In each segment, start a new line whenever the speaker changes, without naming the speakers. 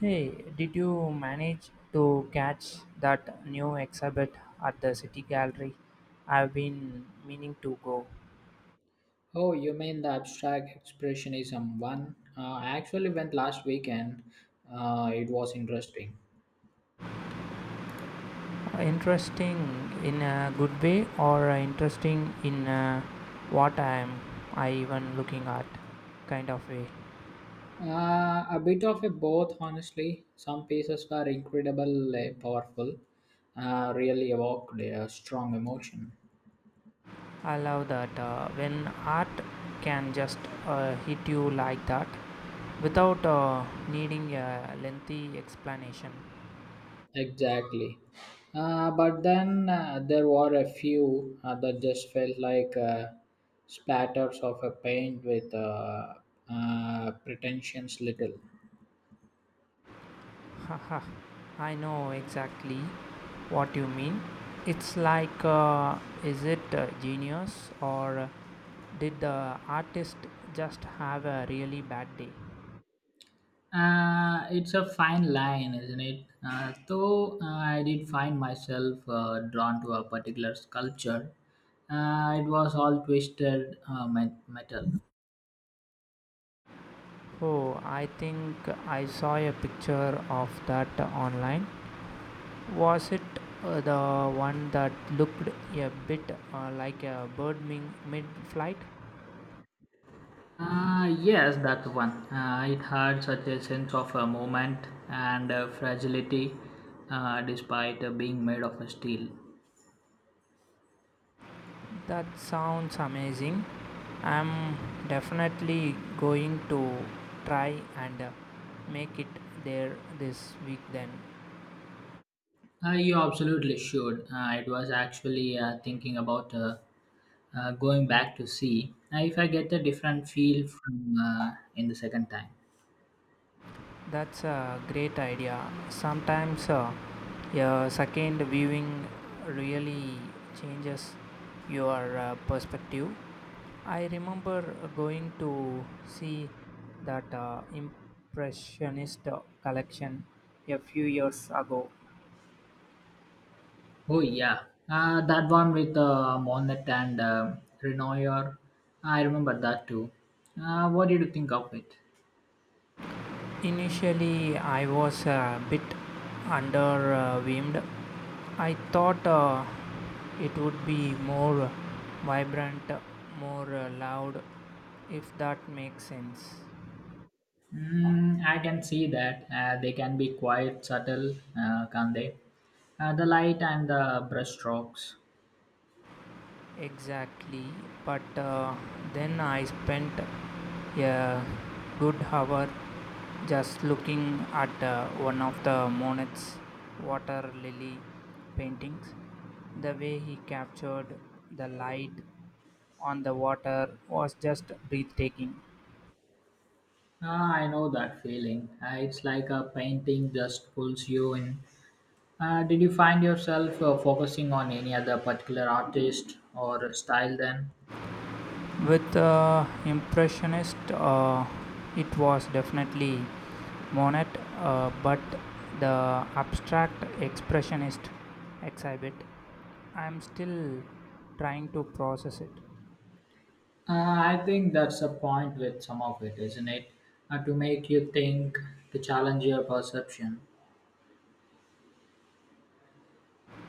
Hey, did you manage to catch that new exhibit at the City Gallery? I've been meaning to go.
Oh, you mean the abstract expressionism one? I actually went last weekend. It was interesting.
Interesting in a good way, or interesting in what I'm I even looking at kind of way?
A bit of a both, honestly. Some pieces were incredibly powerful, really evoked a strong emotion.
I love that, when art can just, hit you like that without, needing a lengthy explanation.
Exactly. But then there were a few that just felt like splatters of a paint with pretensions little.
Haha, I know exactly what you mean. It's like, is it genius, or did the artist just have a really bad day?
It's a fine line, isn't it? Though I did find myself drawn to a particular sculpture. It was all twisted metal.
Oh, I think I saw a picture of that online. Was it the one that looked a bit like a bird mid flight?
Yes, that one. It had such a sense of a moment and fragility despite being made of steel.
That sounds amazing. I'm definitely going to try and make it there this week then.
You absolutely should. It was actually thinking about going back to see if I get a different feel from in the second time.
That's a great idea. Sometimes, a second viewing really changes your perspective. I remember going to see that impressionist collection a few years ago.
Oh yeah, that one with Monet and Renoir. I remember that too. What did you think of it?
Initially, I was a bit underwhelmed. I thought it would be more vibrant, more loud, if that makes sense.
Mm, I can see that they can be quite subtle, can't they? The light and the brushstrokes.
Exactly, but then I spent a good hour just looking at one of the Monet's water lily paintings. The way he captured the light on the water was just breathtaking.
Ah, I know that feeling. It's like a painting just pulls you in. Did you find yourself focusing on any other particular artist or style then?
With Impressionist, it was definitely Monet, but the abstract Expressionist exhibit, I'm still trying to process it.
Uh, I think that's the point with some of it, isn't it? To make you think, to challenge your perception.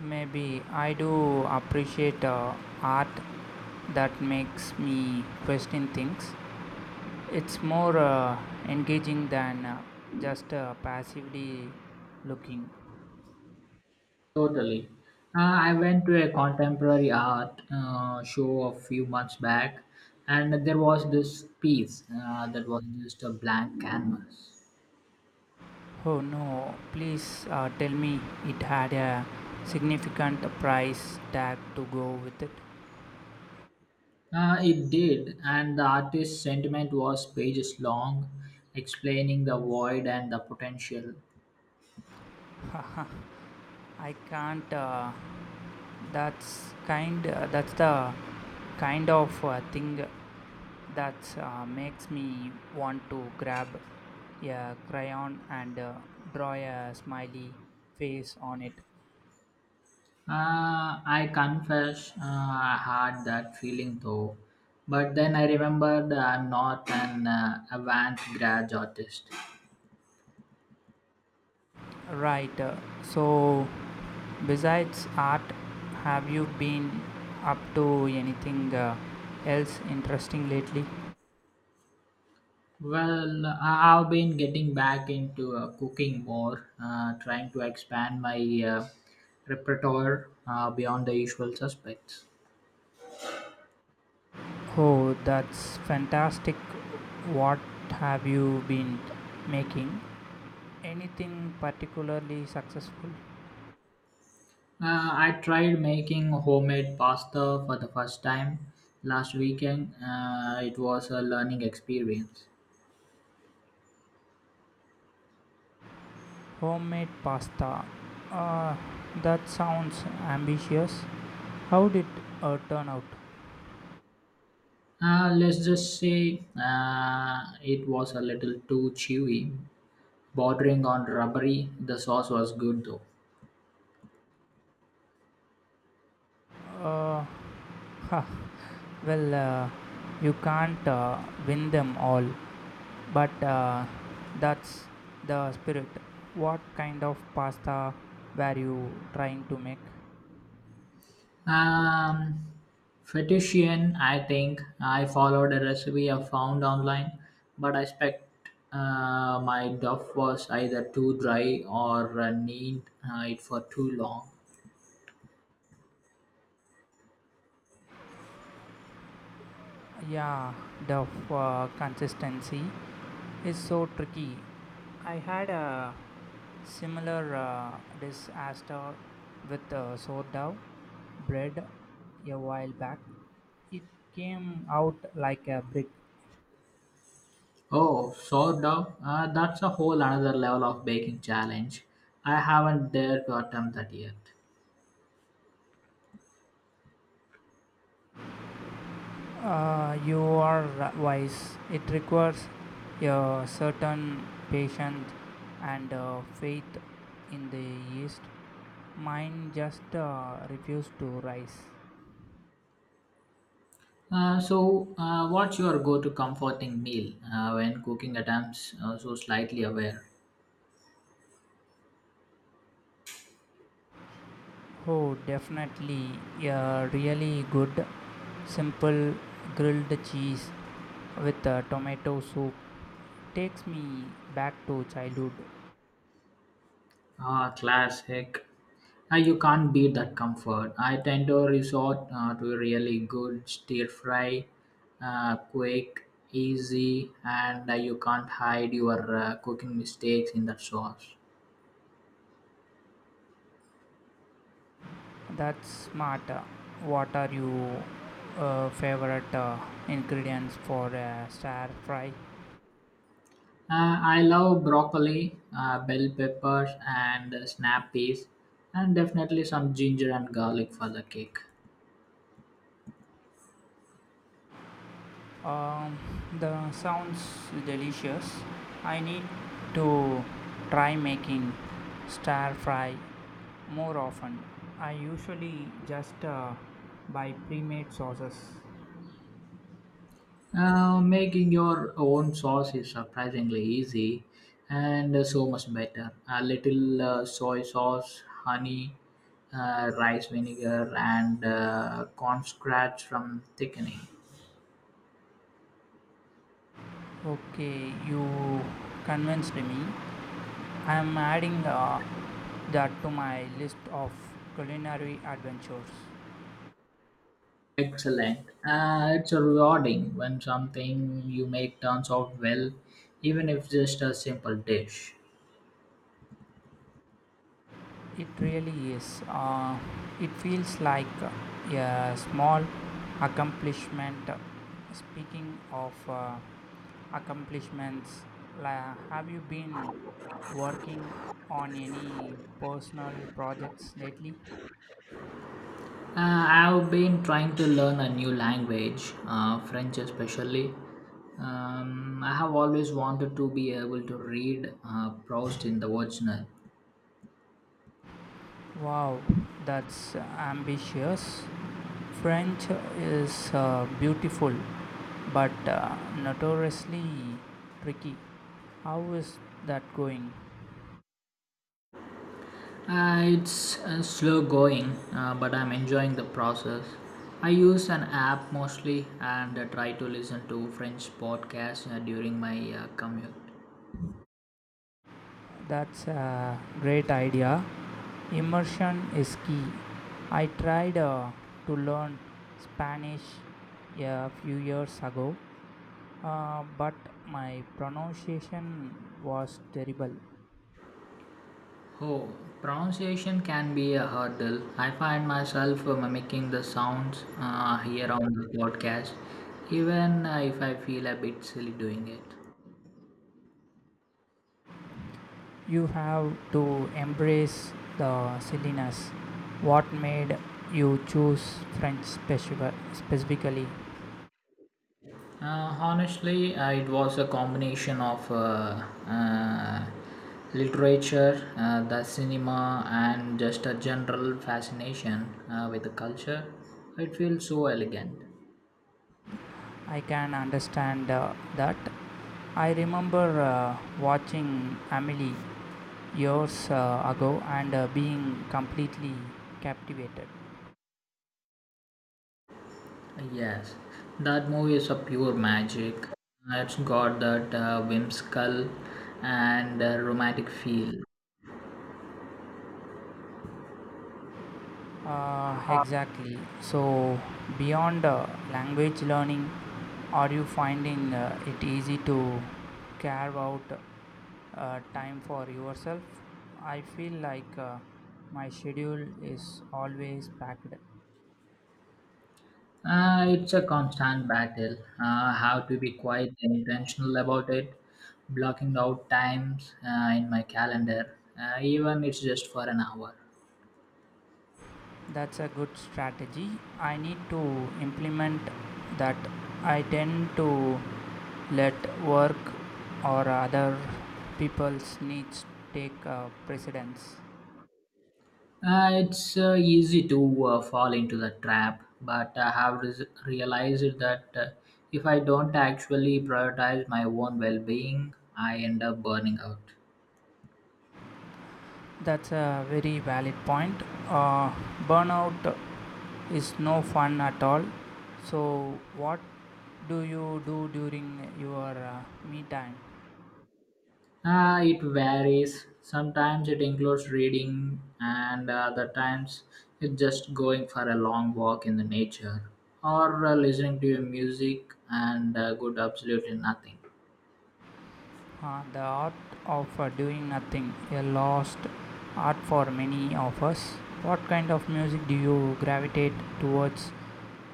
Maybe I do appreciate art that makes me question things. It's more engaging than just passively looking.
Totally. I went to a contemporary art show a few months back, and there was this piece that was just a blank canvas.
Oh no, please tell me it had a significant price tag to go with it.
It did, and the artist's sentiment was pages long, explaining the void and the potential.
I can't. That's the kind of thing that makes me want to grab a crayon and draw a smiley face on it.
I confess, I had that feeling though, but then I remembered I'm not an avant garde artist.
Right. So, besides art, have you been up to anything else interesting lately?
Well, I've been getting back into cooking more, trying to expand my uh, repertoire beyond the usual suspects.
Oh, that's fantastic. What have you been making? Anything particularly successful?
I tried making homemade pasta for the first time last weekend. It was a learning experience.
Homemade pasta. Uh, that sounds ambitious. How did turn out?
Let's just say it was a little too chewy, bordering on rubbery. The sauce was good though.
Uh, huh, well, you can't win them all, but that's the spirit. What kind of pasta were you trying to make?
Um, Fettuccine, I think I followed a recipe I found online, but I expect my duff was either too dry or need it for too long.
Yeah, the consistency is so tricky. I had a similar disaster with sourdough bread a while back. It came out like a brick.
Oh, sourdough. That's a whole another level of baking challenge. I haven't dared to attempt that yet.
You are wise. It requires a certain patience and faith in the yeast. Mine just refused to rise.
So, what's your go-to comforting meal when cooking attempts so slightly aware?
Oh, definitely. Yeah, really good, simple grilled cheese with tomato soup takes me back to childhood.
Ah, classic. You can't beat that comfort. I tend to resort to really good stir fry, quick, easy, and you can't hide your cooking mistakes in that sauce.
That's smart. What are your favorite ingredients for a stir fry?
I love broccoli, bell peppers, and snap peas, and definitely some ginger and garlic for the cake.
Um, the sounds delicious. I need to try making stir fry more often. I usually just buy pre-made sauces.
Making your own sauce is surprisingly easy and so much better. A little soy sauce, honey, rice vinegar, and cornstarch from thickening.
Okay, you convinced me. I am adding that to my list of culinary adventures.
Excellent. It's rewarding when something you make turns out well, even if just a simple dish.
It really is. It feels like a small accomplishment. Speaking of accomplishments, have you been working on any personal projects lately?
I've been trying to learn a new language, French especially. I have always wanted to be able to read Proust in the original.
Wow, that's ambitious. French is beautiful, but notoriously tricky. How is that going?
It's slow going, but I'm enjoying the process. I use an app mostly and try to listen to French podcasts during my commute.
That's a great idea. Immersion is key. I tried to learn Spanish a few years ago, but my pronunciation was terrible.
Oh, pronunciation can be a hurdle. I find myself mimicking the sounds here on the podcast, even if I feel a bit silly doing it.
You have to embrace the silliness. What made you choose French specifically?
Honestly, it was a combination of literature, the cinema, and just a general fascination with the culture. It feels so elegant.
I can understand that. I remember watching Amelie years ago and being completely captivated.
Yes, that movie is a pure magic. It's got that whimsical and romantic feel.
Exactly. So, beyond language learning, are you finding it easy to carve out time for yourself? I feel like my schedule is always packed.
It's a constant battle. How to be quite intentional about it, blocking out times in my calendar, even it's just for an hour.
That's a good strategy. I need to implement that. I tend to let work or other people's needs take precedence.
It's easy to fall into the trap, but I have realized that if I don't actually prioritize my own well being, I end up burning out.
That's a very valid point. Uh, Burnout is no fun at all. So, what do you do during your me time?
It varies. Sometimes it includes reading, and other times it's just going for a long walk in the nature or listening to music and good absolutely nothing.
The art of doing nothing, a lost art for many of us. What kind of music do you gravitate towards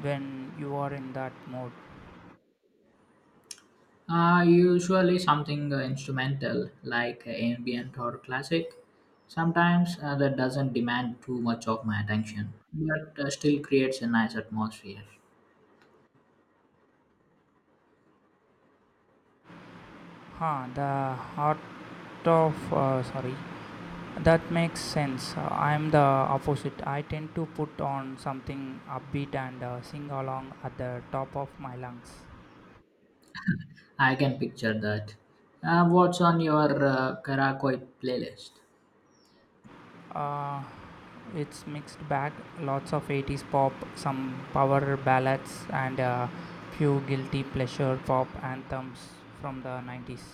when you are in that mode?
Usually something instrumental like ambient or classic. Sometimes that doesn't demand too much of my attention, but still creates a nice atmosphere.
Huh, the art of sorry, That makes sense. I am the opposite. I tend to put on something upbeat and sing along at the top of my lungs.
I can picture that. What's on your Karakoi playlist?
Uh, it's mixed bag. Lots of 80s pop, some power ballads, and a few guilty pleasure pop anthems from the 90s.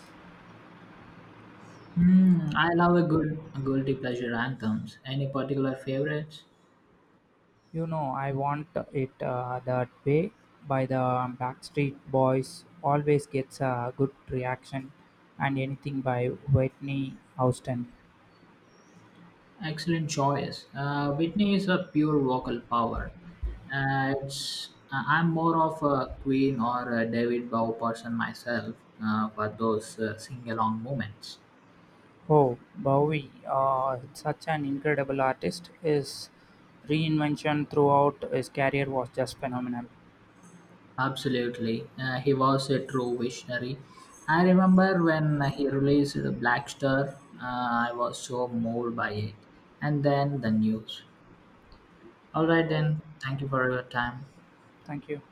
Hmm, I love a good guilty pleasure anthems. Any particular favorites?
You know, I want it that way. By the Backstreet Boys, always gets a good reaction, and anything by Whitney Houston.
Excellent choice. Whitney is a pure vocal power. It's I'm more of a Queen or a David Bowie person myself for those sing-along moments.
Oh, Bowie, such an incredible artist. His reinvention throughout his career was just phenomenal.
Absolutely, he was a true visionary. I remember when he released the Black Star, I was so moved by it, and then the news. All right,
Oh.
then. Thank you for your time.
Thank you.